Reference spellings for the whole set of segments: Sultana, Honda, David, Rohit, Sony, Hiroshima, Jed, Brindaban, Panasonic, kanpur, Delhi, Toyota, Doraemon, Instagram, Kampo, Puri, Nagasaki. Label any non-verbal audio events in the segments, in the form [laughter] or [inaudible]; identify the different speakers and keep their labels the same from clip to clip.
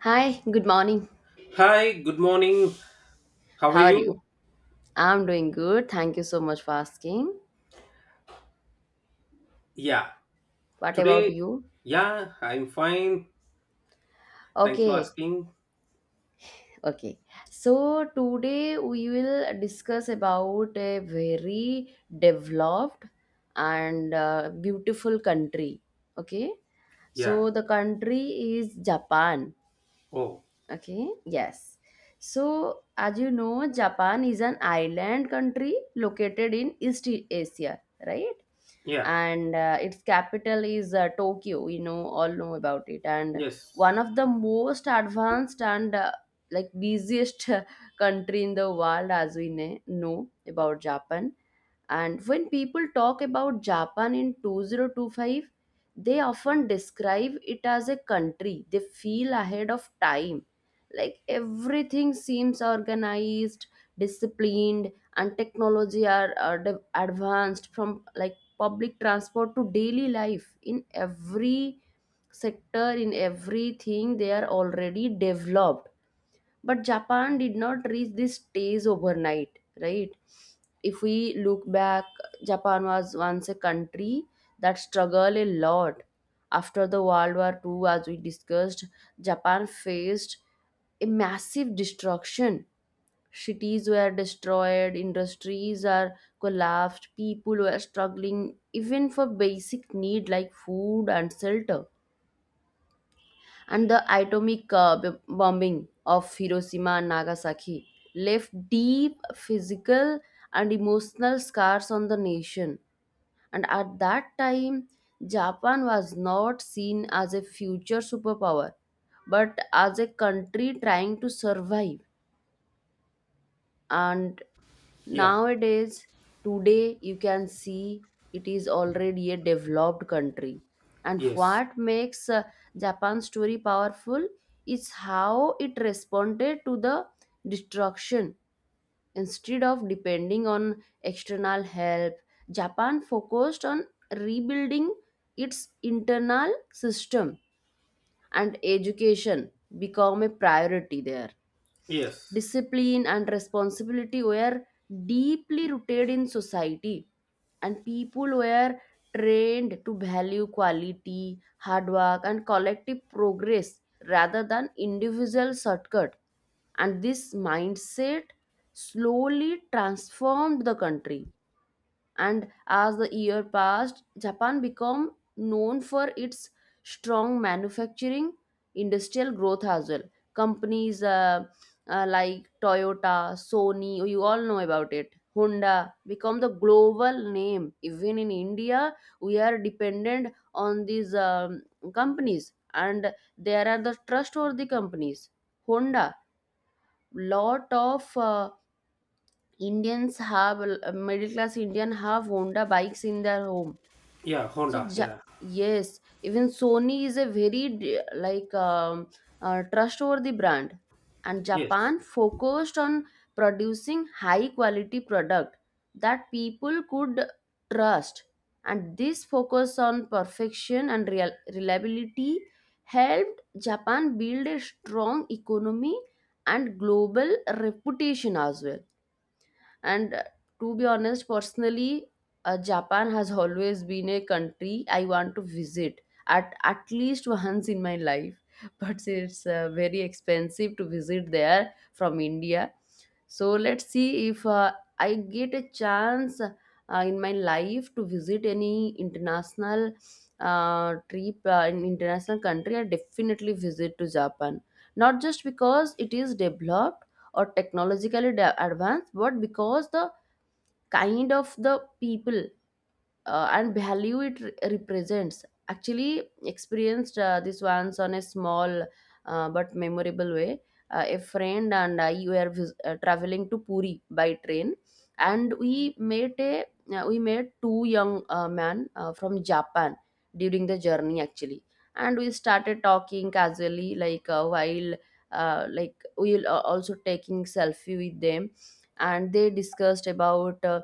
Speaker 1: Hi, good morning.
Speaker 2: Hi, good morning. How are
Speaker 1: How are you?
Speaker 2: you?
Speaker 1: I'm doing good. Thank you so much for asking.
Speaker 2: Yeah,
Speaker 1: What about
Speaker 2: today,
Speaker 1: you?
Speaker 2: yeah, I'm fine. Thanks for
Speaker 1: Okay,
Speaker 2: asking.
Speaker 1: okay. So today we will discuss about a very developed and beautiful country. Okay.
Speaker 2: Yeah,
Speaker 1: So the country is Japan.
Speaker 2: oh,
Speaker 1: Okay, yes. So, as you know, Japan is an island country located in East Asia, right?
Speaker 2: yeah,
Speaker 1: And its capital is Tokyo. You know, all know about it. And
Speaker 2: yes,
Speaker 1: one of the most advanced and like busiest [laughs] country in the world, as we know about Japan. And when people talk about Japan in 2025, they often describe it as a country. They feel ahead of time. Like everything seems organized, disciplined, and technology are advanced from like public transport to daily life. In every sector, in everything, they are already developed, but Japan did not reach this stage overnight, right? If we look back, Japan was once a country that struggled a lot. After the World War II, as we discussed, Japan faced a massive destruction. Cities were destroyed, industries are collapsed, people were struggling even for basic need like food and shelter. And the atomic bombing of Hiroshima and Nagasaki left deep physical and emotional scars on the nation. And at that time, Japan was not seen as a future superpower, but as a country trying to survive. And
Speaker 2: yeah,
Speaker 1: nowadays today you can see it is already a developed country. And
Speaker 2: yes,
Speaker 1: what makes Japan's story powerful is how it responded to the destruction. Instead of depending on external help, Japan focused on rebuilding its internal system, and education become a priority there.
Speaker 2: yes,
Speaker 1: Discipline and responsibility were deeply rooted in society, and people were trained to value quality, hard work, and collective progress rather than individual shortcut. And this mindset slowly transformed the country. And as the year passed, Japan became known for its strong manufacturing, industrial growth as well. Companies like Toyota, Sony, you all know about it, Honda become the global name. Even in India, we are dependent on these companies, and there are the trustworthy companies. Honda, lot of Indians have middle class Indian have Honda bikes in their home.
Speaker 2: yeah,
Speaker 1: So
Speaker 2: Honda, yeah,
Speaker 1: yes, even Sony is a very like trustworthy brand, and
Speaker 2: yes,
Speaker 1: Japan focused on producing high quality product that people could trust, and this focus on perfection and reliability helped Japan build a strong economy and global reputation as well. And To be honest, personally, Japan has always been a country I want to visit at least once in my life. [laughs] But it's very expensive to visit there from India. So let's see if I get a chance in my life to visit any international trip in international country. I definitely visit to Japan, not just because it is developed, or technologically advanced, but because the kind of the people and value it represents. Actually, experienced this once on a small but memorable way. A friend and I were traveling to Puri by train, and we met a we met two young men from Japan during the journey, actually, and we started talking casually like while like we will also taking selfie with them, and they discussed about. Uh,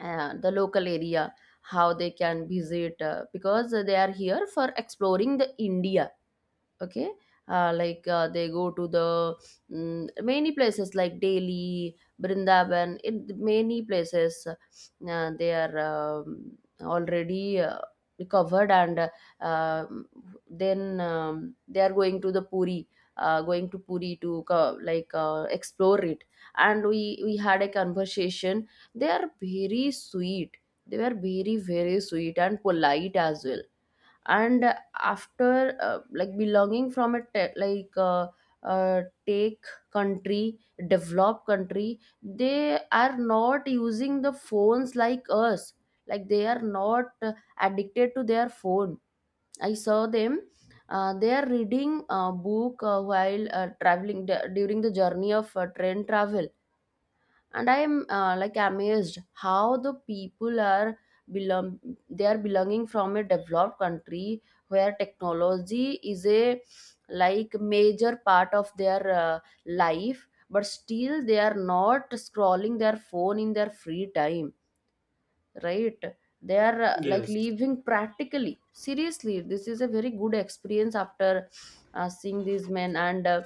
Speaker 1: uh, The local area how they can visit because they are here for exploring the India. Okay, like they go to the many places like Delhi, Brindaban, in many places they are already recovered and uh, um, then they are going to the Puri, going to Puri to like explore it. And we had a conversation. They are very sweet. They were very very sweet and polite as well. And after like belonging from a take country, developed country, they are not using the phones like us. Like they are not addicted to their phone. I saw them, they are reading a book while during the journey of train travel. And I am like amazed how the people are belong, they are belonging from a developed country where technology is a like major part of their life, but still they are not scrolling their phone in their free time, right? They are like
Speaker 2: yes,
Speaker 1: living practically, seriously. This is a very good experience after seeing these men and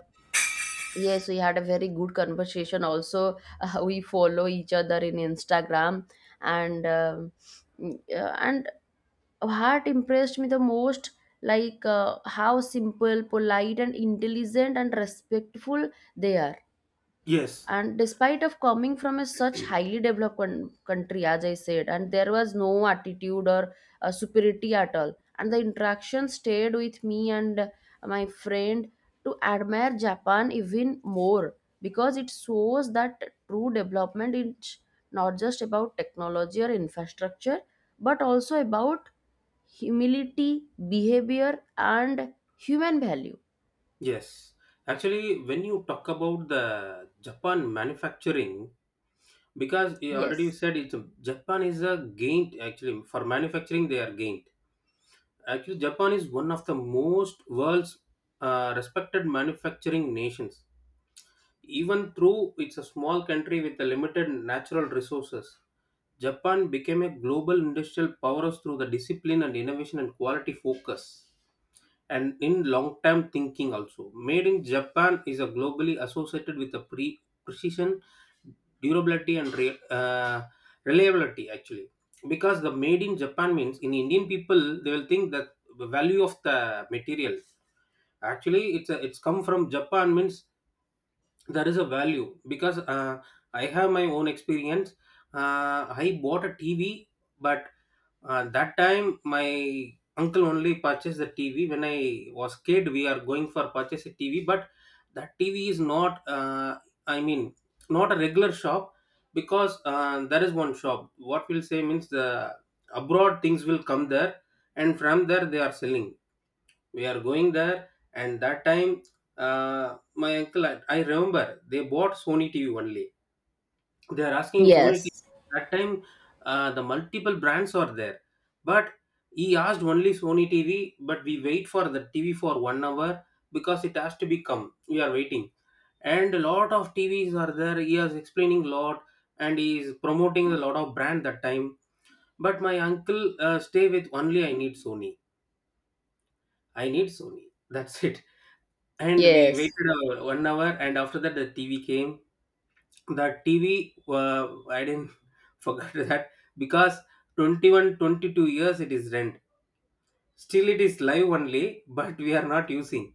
Speaker 1: yes, we had a very good conversation. Also, we follow each other in Instagram, and and what impressed me the most, like how simple, polite, and intelligent and respectful they are.
Speaker 2: yes,
Speaker 1: And despite of coming from a such highly developed country, as I said, and there was no attitude or superiority at all. And the interaction stayed with me and my friend to admire Japan even more, because it shows that true development is not just about technology or infrastructure, but also about humility, behavior, and human value.
Speaker 2: yes. Actually, when you talk about the Japan manufacturing, because you already
Speaker 1: Yes,
Speaker 2: said it's Japan is a gained actually for manufacturing, they are gained. Actually, Japan is one of the most world's respected manufacturing nations. Even though it's a small country with a limited natural resources, Japan became a global industrial powerhouse through the discipline and innovation and quality focus and in long-term thinking also. Made in Japan is a globally associated with a precision, durability, and reliability actually. Because the made in Japan means in Indian people they will think that the value of the material. Actually, it's come from Japan means there is a value because I have my own experience. I bought a TV, but that time my uncle only purchased the TV when I was kid. We are going for purchase a TV, but that TV is not I mean not a regular shop, because there is one shop, what we'll say means the abroad things will come there, and from there they are selling. We are going there, and that time, uh, my uncle, I remember, they bought Sony TV only. They are asking Sony TV.
Speaker 1: yes,
Speaker 2: That time, the multiple brands are there, but he asked only Sony TV. But we wait for the TV for one hour because it has to be come. We are waiting, and a lot of TVs are there. He is explaining lot, and he is promoting a lot of brand that time, but my uncle, stay with only I need Sony. I need Sony. That's [laughs] it. And we
Speaker 1: yes,
Speaker 2: waited one hour, and after that the TV came. The TV, I didn't [laughs] forget that, because 21, 22 years it is rent. Still it is live only, but we are not using.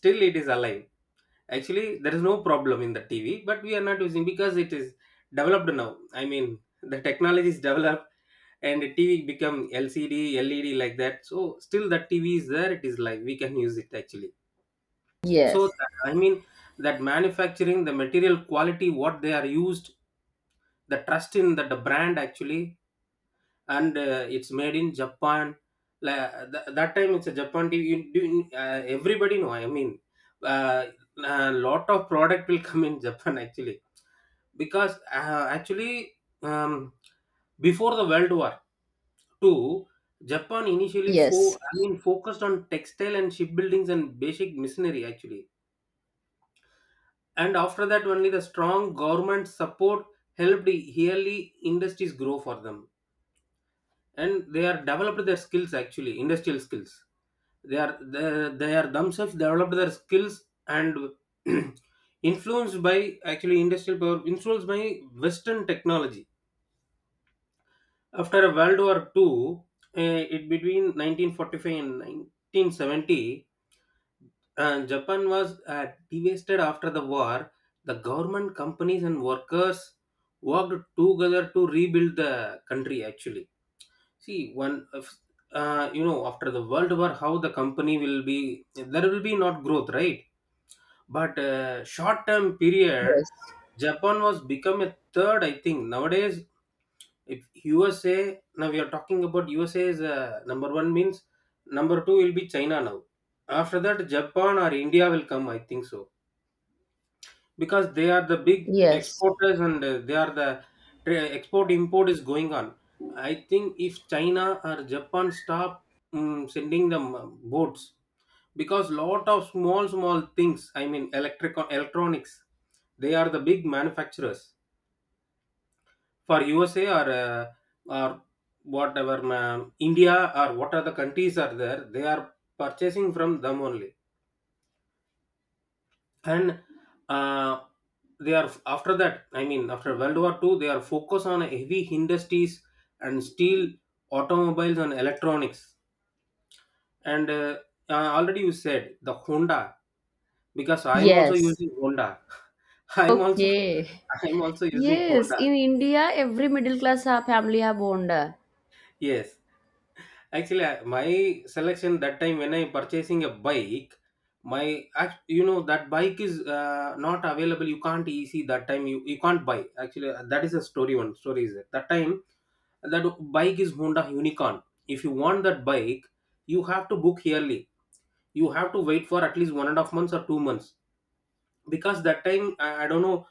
Speaker 2: Still it is alive. Actually, there is no problem in the TV, but we are not using because it is developed now. I mean the technology is developed, and the TV become LCD, LED, like that. So still the TV is there. It is live. We can use it actually. So
Speaker 1: yes.
Speaker 2: that, I mean that manufacturing, the material quality, what they are used, the trust in that the brand actually, and it's made in Japan. That time it's a Japan TV. Everybody know. I mean, uh, a lot of product will come in Japan actually, because actually, um, before the World War Two, Japan initially
Speaker 1: Yes.
Speaker 2: I mean focused on textile and shipbuildings and basic machinery actually. And after that only the strong government support helped yearly industries grow for them, and they are developed their skills actually, industrial skills. they are they, they are themselves developed their skills and [clears throat] influenced by, actually industrial power influenced by Western technology after World War Two. It between 1945 and 1970, and Japan was devastated after the war. The government, companies, and workers worked together to rebuild the country. Actually, see one, of- you know, after the World War, how the company will be there will be not growth, right? But short term period,
Speaker 1: Yes.
Speaker 2: Japan was become a third. I think nowadays, if USA, now we are talking about USA is number one means number two will be China now. After that, Japan or India will come. I think so, because they are the big
Speaker 1: Yes.
Speaker 2: exporters and they are the export, import is going on. I think if China or Japan stop sending them boats, because lot of small small things, I mean electric, electronics, they are the big manufacturers for USA or or whatever ma'am, India, or what other countries are there, they are purchasing from them only. And uh, they are, after that, I mean after World War Two, they are focused on heavy industries and steel, automobiles, and electronics. And already you said the Honda, because I'm also
Speaker 1: Yes.
Speaker 2: using Honda. [laughs] i'm also
Speaker 1: Okay.
Speaker 2: I'm also using
Speaker 1: Yes,
Speaker 2: Honda.
Speaker 1: in India, every middle class family have Honda.
Speaker 2: Yes. Actually, my selection that time when I purchasing a bike, my you know that bike is not available. You can't easy that time. You can't buy. Actually, that is a story. One story is that that time that bike is Honda Unicorn. If you want that bike, you have to book yearly. You have to wait for at least one and a half months or 2 months, because that time, I don't know,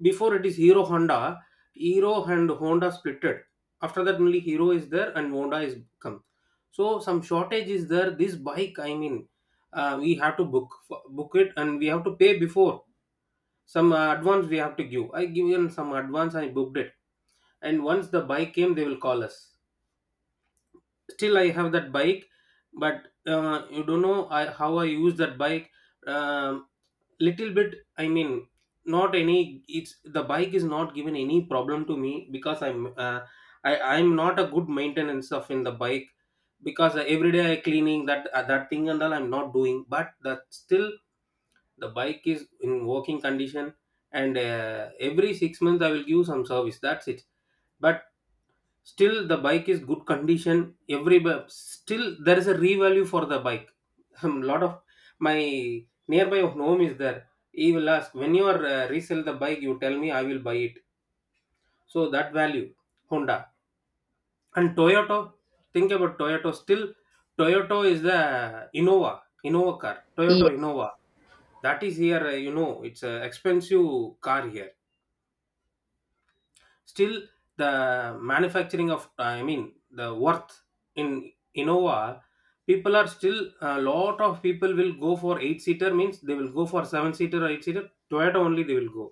Speaker 2: before it is Hero Honda. Hero and Honda splitted. After that only Hero is there and Honda is come. So some shortage is there. This bike, I mean, we have to book it, and we have to pay before. Some advance we have to give. I given some advance. I booked it, and once the bike came, they will call us. Still, I have that bike, but you don't know how I use that bike. Um Little bit, I mean not any, it's the bike is not given any problem to me, because I'm not a good maintenance of in the bike, because every day I cleaning that thing and all I'm not doing, but that still the bike is in working condition. And every 6 months I will give some service, that's it. But still, the bike is good condition. Still there is a revalue for the bike. [laughs] A lot of, my nearby home is there. He will ask, when you are resell the bike, you tell me, I will buy it. So that value, Honda and Toyota. Think about Toyota. Still, Toyota is the Innova car. Toyota
Speaker 1: Ye-
Speaker 2: Innova, that is here. You know, it's an expensive car here. Still, the manufacturing of I mean the worth in Innova, people are still, a lot of people will go for eight seater means they will go for seven seater or eight seater Toyota only, they will go.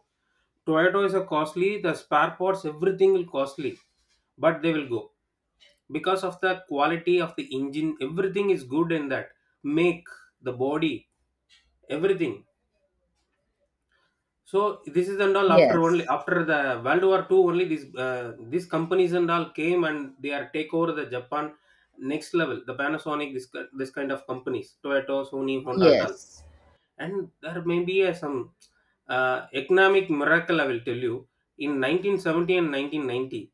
Speaker 2: Toyota is a costly, the spare parts everything will costly, but they will go because of the quality of the engine, everything is good in that make, the body, everything. So this is and all, after only
Speaker 1: yes.
Speaker 2: after the World War Two only, these these companies and all came, and they are take over the Japan next level. The Panasonic, this kind of companies, Toyota, Sony, Honda, and all.
Speaker 1: Yes.
Speaker 2: And there may be a, some economic miracle, I will tell you, in 1970 and 1990,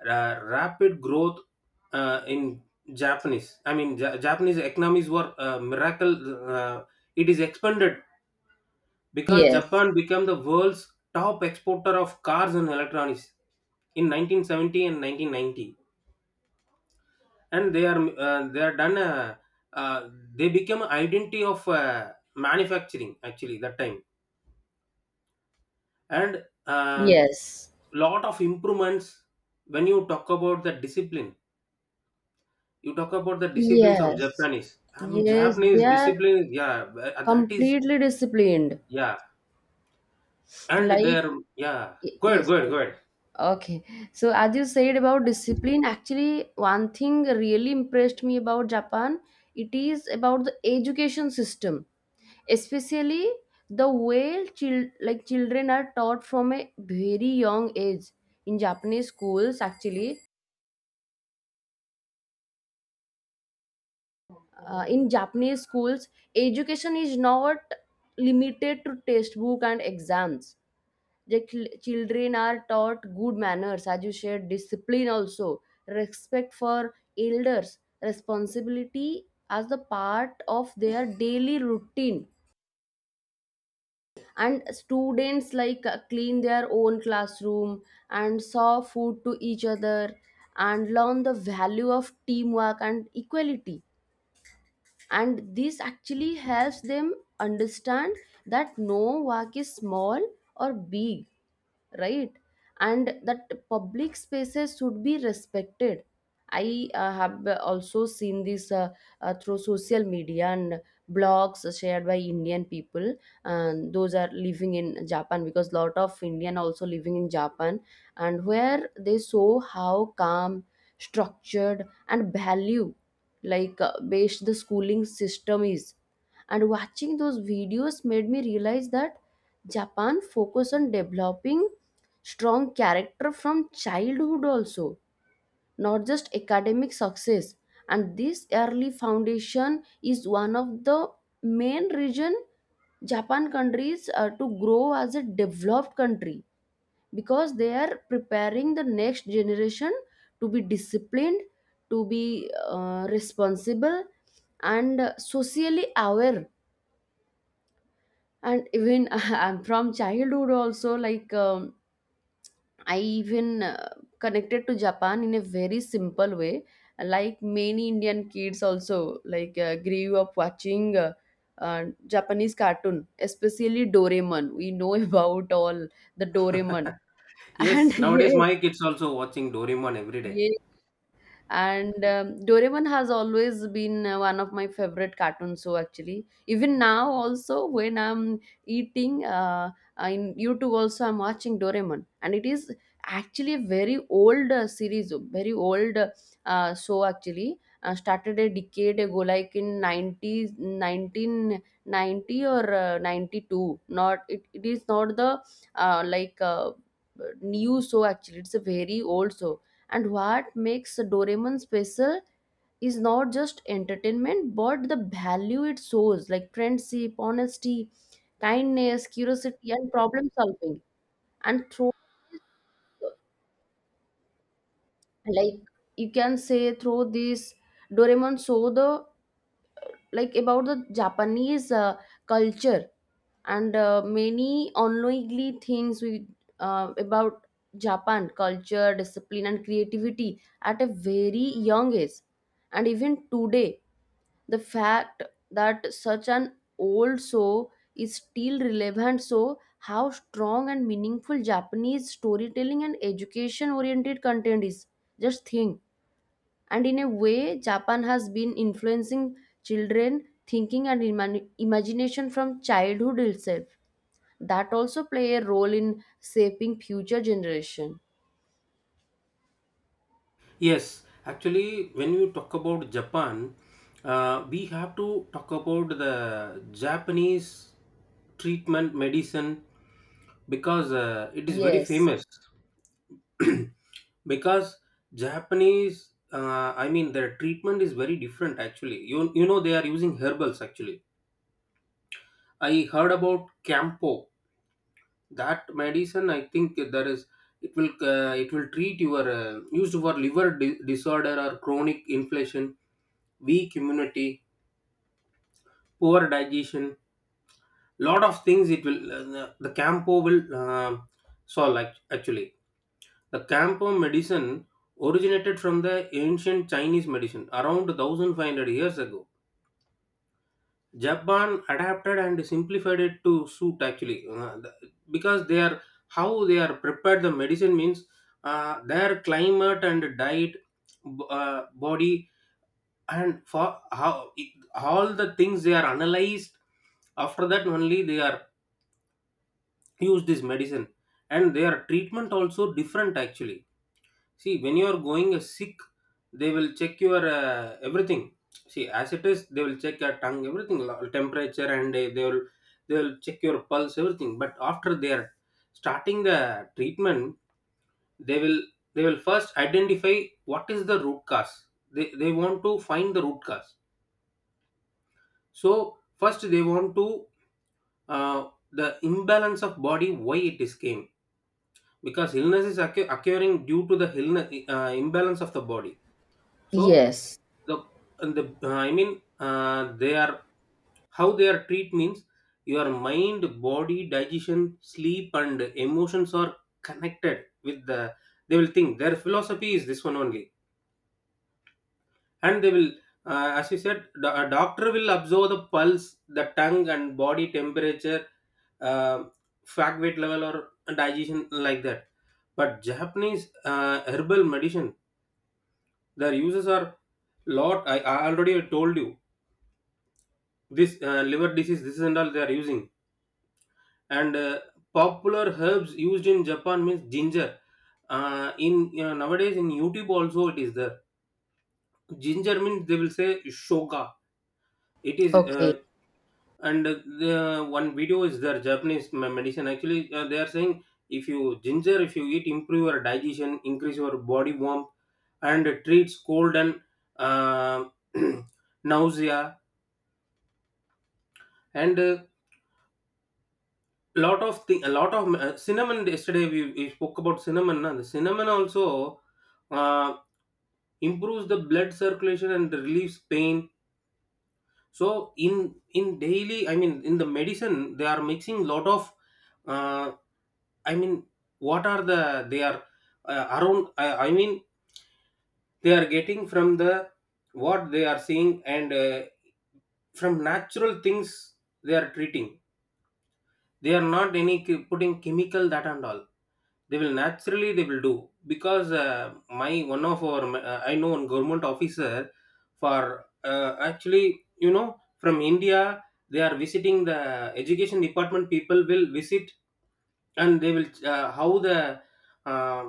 Speaker 2: rapid growth in Japanese, I mean Japanese economies were miracle, it is expanded, because
Speaker 1: Yes.
Speaker 2: Japan became the world's top exporter of cars and electronics in 1970 and 1990. And they are done, uh, they become identity of manufacturing actually that time. And
Speaker 1: Yes.
Speaker 2: lot of improvements. When you talk about the discipline, you talk about the disciplines of
Speaker 1: Yes.
Speaker 2: Japanese, I mean
Speaker 1: Yes. They
Speaker 2: Japanese
Speaker 1: are
Speaker 2: discipline, yeah. That is,
Speaker 1: completely disciplined.
Speaker 2: yeah, and
Speaker 1: Like,
Speaker 2: their, yeah, go ahead,
Speaker 1: yes,
Speaker 2: go ahead, go ahead.
Speaker 1: okay. So, as you said about discipline, actually, one thing really impressed me about Japan, it is about the education system. Especially the way like children are taught from a very young age in Japanese schools. Actually, in Japanese schools, education is not limited to textbook and exams. The children are taught good manners, as you said, discipline also, respect for elders, responsibility as the part of their daily routine. And students like clean their own classroom and serve food to each other, and learn the value of teamwork and equality. And this actually helps them understand that no work is small or big, right? And that public spaces should be respected. I have also seen this through social media and blogs shared by Indian people and those are living in Japan, because lot of Indian also living in Japan. And where they saw how calm, structured, and value like based the schooling system is. And watching those videos made me realize that Japan focus on developing strong character from childhood also, not just academic success. And this early foundation is one of the main reason Japan countries to grow as a developed country, because they are preparing the next generation to be disciplined, to be responsible, and socially aware. And even [laughs] I'm from childhood also, like I even connected to Japan in a very simple way. Like many Indian kids, also like grew up watching Japanese cartoon, especially Doraemon. We know [laughs] about all the Doraemon,
Speaker 2: Yes,
Speaker 1: and
Speaker 2: nowadays
Speaker 1: [laughs]
Speaker 2: my kids also watching Doraemon every day.
Speaker 1: yes, and Doraemon has always been one of my favorite cartoons. So actually even now also when I'm eating in YouTube also I'm watching Doraemon, and it is actually a very old series, very old show. Actually, started a decade ago, like in nineties 19 90 1990 or 92, not it, it is not the uh, like uh, new show. Actually, it's a very old show. And what makes Doraemon special is not just entertainment, but the value it shows like friendship, honesty, kindness, curiosity, and problem solving. And through, like, you can say through this, Doraemon show the like about the Japanese culture and many unknowingly things we about Japan culture, discipline, and creativity at a very young age. And even today, the fact that such an old show is still relevant, so how strong and meaningful Japanese storytelling and education oriented content is, just think. And in a way, Japan has been influencing children thinking and imagination from childhood itself. That also play a role in shaping future generation.
Speaker 2: Yes, actually, when you talk about Japan, we have to talk about the Japanese treatment medicine, because it is very
Speaker 1: Yes,
Speaker 2: famous. [clears throat] Because Japanese, I mean, their treatment is very different. Actually, you know they are using herbals. Actually, I heard about Campo, that medicine. I think there is, it will treat your used for liver disorder, or chronic inflammation, weak immunity, poor digestion, lot of things it will the Campo will actually. The Campo medicine originated from the ancient Chinese medicine around 1500 years ago. Japan adapted and simplified it to suit actually, because they are how they are prepared the medicine means their climate and diet, body, and for how it, all the things they are analyzed, after that only they are use this medicine. And their treatment also different actually. See, when you are going sick, they will check your everything. See, as it is, they will check your tongue, everything, temperature, and they will check your pulse, everything. But after they are starting the treatment, they will they will first identify what is the root cause. They want to find the root cause. So first they want to the imbalance of body why it is came, because illness is occurring due to the illness, imbalance of the body. So
Speaker 1: yes,
Speaker 2: the and the I mean they are how they are treat means your mind, body, digestion, sleep, and emotions are connected with the they will think their philosophy is this one only. And they will, as you said, a doctor will observe the pulse, the tongue, and body temperature, uh, fat, weight level, or digestion, like that. But Japanese herbal medicine, their uses are lot. I already told you, this liver disease, this and all they are using. And popular herbs used in Japan means ginger. In nowadays in YouTube also it is there. Ginger means they will say shoga. It is
Speaker 1: okay,
Speaker 2: and the one video is there. Japanese medicine actually, they are saying, if you eat, improve your digestion, increase your body warmth, and treats cold and uh, [clears throat] nausea. And lot of thing, a lot of cinnamon. Yesterday we spoke about cinnamon, na. The cinnamon also uh, improves the blood circulation and relieves pain. So in daily, I mean in the medicine they are mixing lot of uh, I mean what are the they are around, I mean they are getting from the what they are seeing, and from natural things they are treating. They are not any putting chemical, that and all. They will naturally they will do, because my one of our I know one government officer. For actually, from India they are visiting the education department, people will visit. And they will how the uh,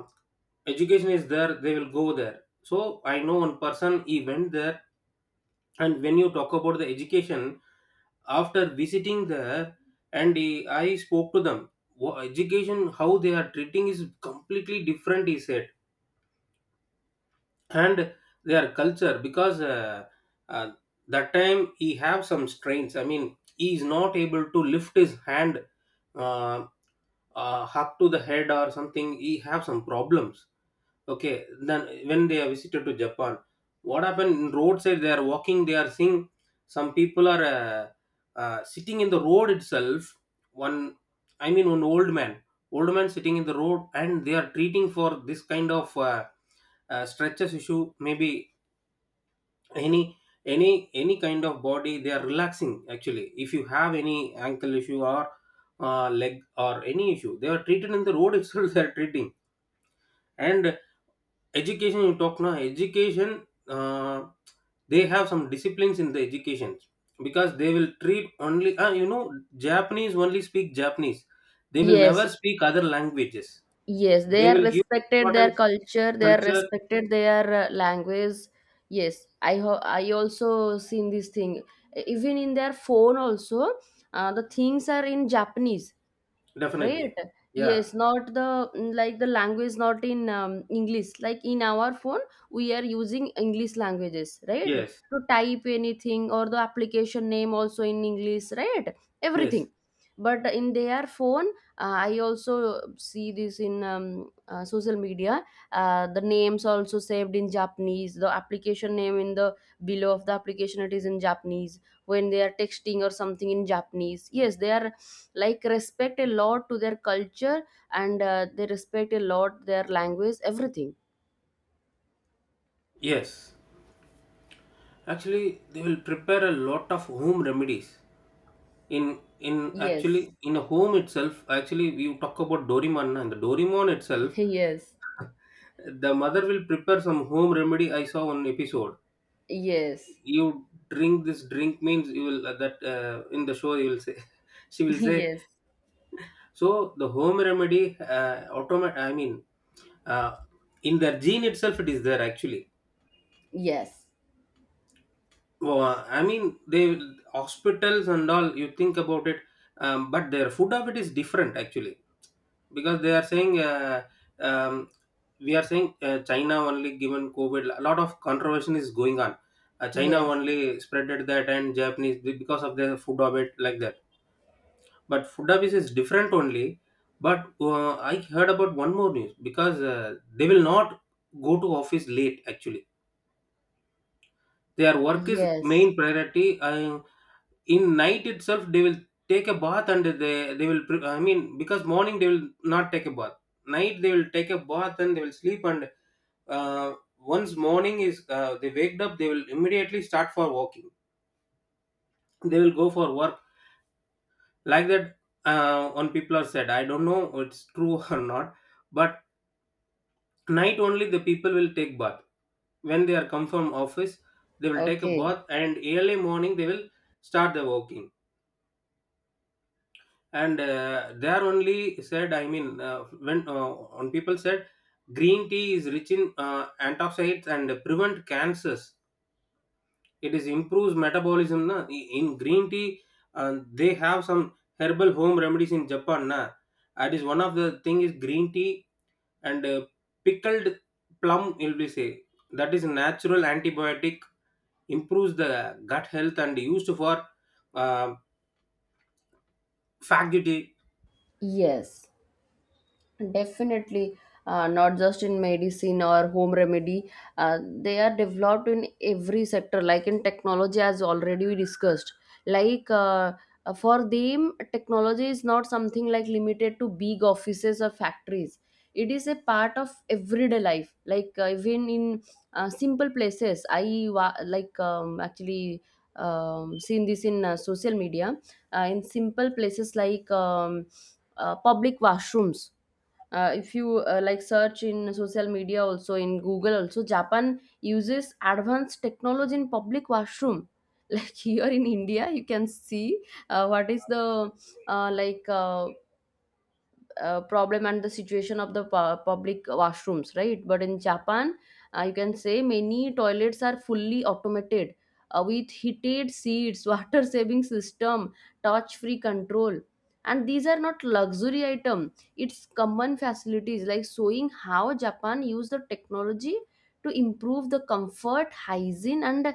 Speaker 2: education is there, they will go there. So I know one person, he went there. And when you talk about the education after visiting there, and I spoke to them. Education, how they are treating is completely different," he said. And their culture, because uh, that time he have some strains, I mean he is not able to lift his hand, uh, up to the head or something. He have some problems. Okay, then when they are visited to Japan, what happened, in roadside they are walking, they are seeing some people are sitting in the road itself. One, I mean one old man sitting in the road, and they are treating for this kind of stretches issue maybe, any any kind of body they are relaxing. Actually, if you have any ankle issue or leg or any issue, they are treated in the road itself [laughs] they are treating. And education, you talk now education, uh, they have some disciplines in the education, because they will treat only Japanese only speak Japanese. They will never
Speaker 1: yes.
Speaker 2: speak other languages.
Speaker 1: Yes, they
Speaker 2: They
Speaker 1: are
Speaker 2: will give
Speaker 1: respected their
Speaker 2: importance
Speaker 1: culture,
Speaker 2: to
Speaker 1: they are
Speaker 2: culture.
Speaker 1: respected their language. Yes, I I also seen this thing. E, even in their phone also, the things are in Japanese,
Speaker 2: Definitely.
Speaker 1: right?
Speaker 2: Yeah.
Speaker 1: Yes, not the like the language not in English like in our phone. We are using English languages, right,
Speaker 2: Yes,
Speaker 1: to type anything, or the application name also in English, right?
Speaker 2: yes,
Speaker 1: Everything. But in their phone, I also see this in social media, the names also saved in Japanese. The application name in the below of the application, it is in Japanese. When they are texting or something in Japanese, yes, they are like respect a lot to their culture, and they respect a lot their language, everything.
Speaker 2: yes. Actually, they will prepare a lot of home remedies in actually,
Speaker 1: Yes.
Speaker 2: in a home itself. Actually, you talk about Dorimon, and the Dorimon itself,
Speaker 1: [laughs] Yes.
Speaker 2: the mother will prepare some home remedy. I saw one episode.
Speaker 1: Yes.
Speaker 2: You drink this drink means you will that, in the show you will say [laughs] she will
Speaker 1: [laughs]
Speaker 2: say.
Speaker 1: Yes.
Speaker 2: So the home remedy, I mean, uh, in their gene itself, it is there actually.
Speaker 1: Yes.
Speaker 2: Well, I mean, they hospitals and all. You think about it, but their food habit is different actually, because they are saying um, we are saying China only given COVID. A lot of controversy is going on. China
Speaker 1: Yes.
Speaker 2: only spreaded that, and Japanese because of their food habit, like that. But food office is different only. But I heard about one more news, because they will not go to office late actually. Their work is
Speaker 1: Yes.
Speaker 2: main priority. And in night itself they will take a bath, and they will I mean, because morning they will not take a bath, night they will take a bath and they will sleep. And uh, once morning is they waked up, they will immediately start for walking. They will go for work, like that. On people are said, I don't know it's true [laughs] or not, but night only the people will take bath. When they are come from office, they will take a
Speaker 1: Okay.
Speaker 2: bath, and early morning they will start the walking. And they only said, I mean, when on people said green tea is rich in antioxidants and prevent cancers, it is improves metabolism, na? In green tea, they have some herbal home remedies in Japan, na? That is one of the thing is green tea. And pickled plum will be say, that is natural antibiotic, improves the gut health, and used for uh, faculty.
Speaker 1: Yes. Definitely, not just in medicine or home remedy. They are developed in every sector, like in technology, as already we discussed. Like for them, technology is not something like limited to big offices or factories. It is a part of everyday life. Like even in simple places, I like actually seen this in social media. In simple places like public washrooms, if you like search in social media also in Google also, Japan uses advanced technology in public washroom. [laughs] Like here in India you can see what is the uh, like uh, problem and the situation of the public washrooms, right? But in Japan, you can say many toilets are fully automated with heated seats, [laughs] water saving system, touch free control. And these are not luxury item. It's common facilities, like showing how Japan use the technology to improve the comfort, hygiene, and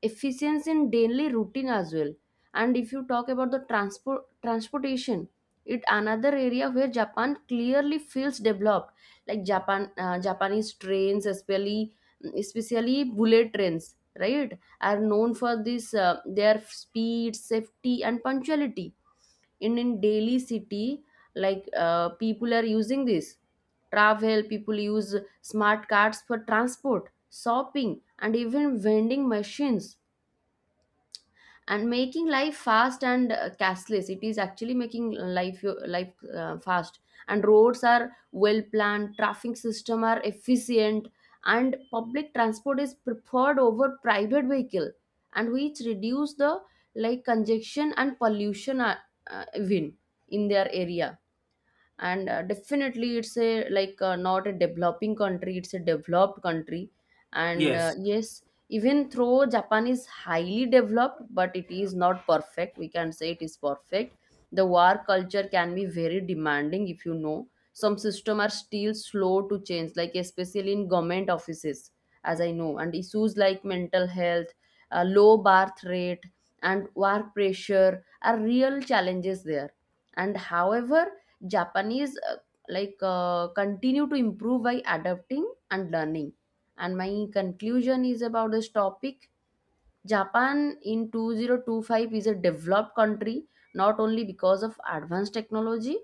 Speaker 1: efficiency in daily routine as well. And if you talk about the transport transportation, it another area where Japan clearly feels developed. Like Japan Japanese trains, especially especially bullet trains, right, are known for this their speed, safety, and punctuality. In daily city, like people are using this travel, people use smart cards for transport, shopping, and even vending machines, and making life fast and cashless. It is actually making life fast. And roads are well planned, traffic system are efficient, and public transport is preferred over private vehicle, and which reduce the like congestion and pollution, even in their area. And definitely it's a like not a developing country, it's a developed country. And
Speaker 2: Yes.
Speaker 1: yes, even though Japan is highly developed, but it is not perfect, we can say it is perfect. The war culture can be very demanding, if you know some system are still slow to change, like especially in government offices, as I know. And issues like mental health, low birth rate, and war pressure are real challenges there. And however, Japanese continue to improve by adapting and learning. And my conclusion is about this topic. Japan in 2025 is a developed country, not only because of advanced technology,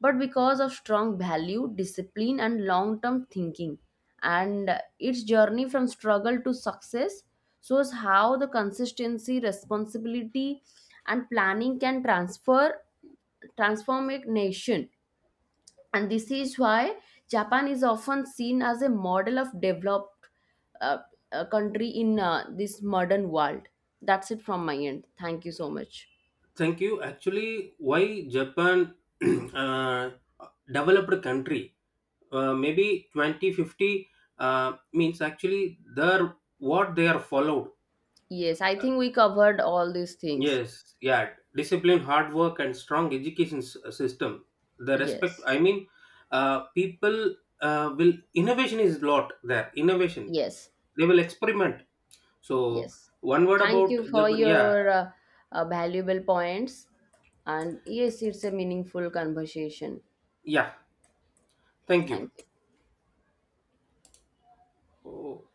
Speaker 1: but because of strong value, discipline, and long term thinking. And its journey from struggle to success shows how the consistency, responsibility, and planning can transfer transform a nation. And this is why Japan is often seen as a model of developed uh, country in this modern world. That's it from my end, thank you so much.
Speaker 2: Thank you. Actually, why Japan [clears throat] uh, developed country, maybe 2050, means actually their what they are followed.
Speaker 1: Yes, I think we covered all these things.
Speaker 2: Yes, yeah, discipline, hard work, and strong education system. The respect,
Speaker 1: Yes,
Speaker 2: I mean, people will innovation is lot there. Innovation,
Speaker 1: yes,
Speaker 2: they will experiment. So
Speaker 1: yes.
Speaker 2: one word
Speaker 1: Thank
Speaker 2: about
Speaker 1: you for
Speaker 2: Japan. Yeah,
Speaker 1: your valuable points. And yes, it's a meaningful conversation.
Speaker 2: yeah. Thank you.
Speaker 1: Thank you.
Speaker 2: Oh.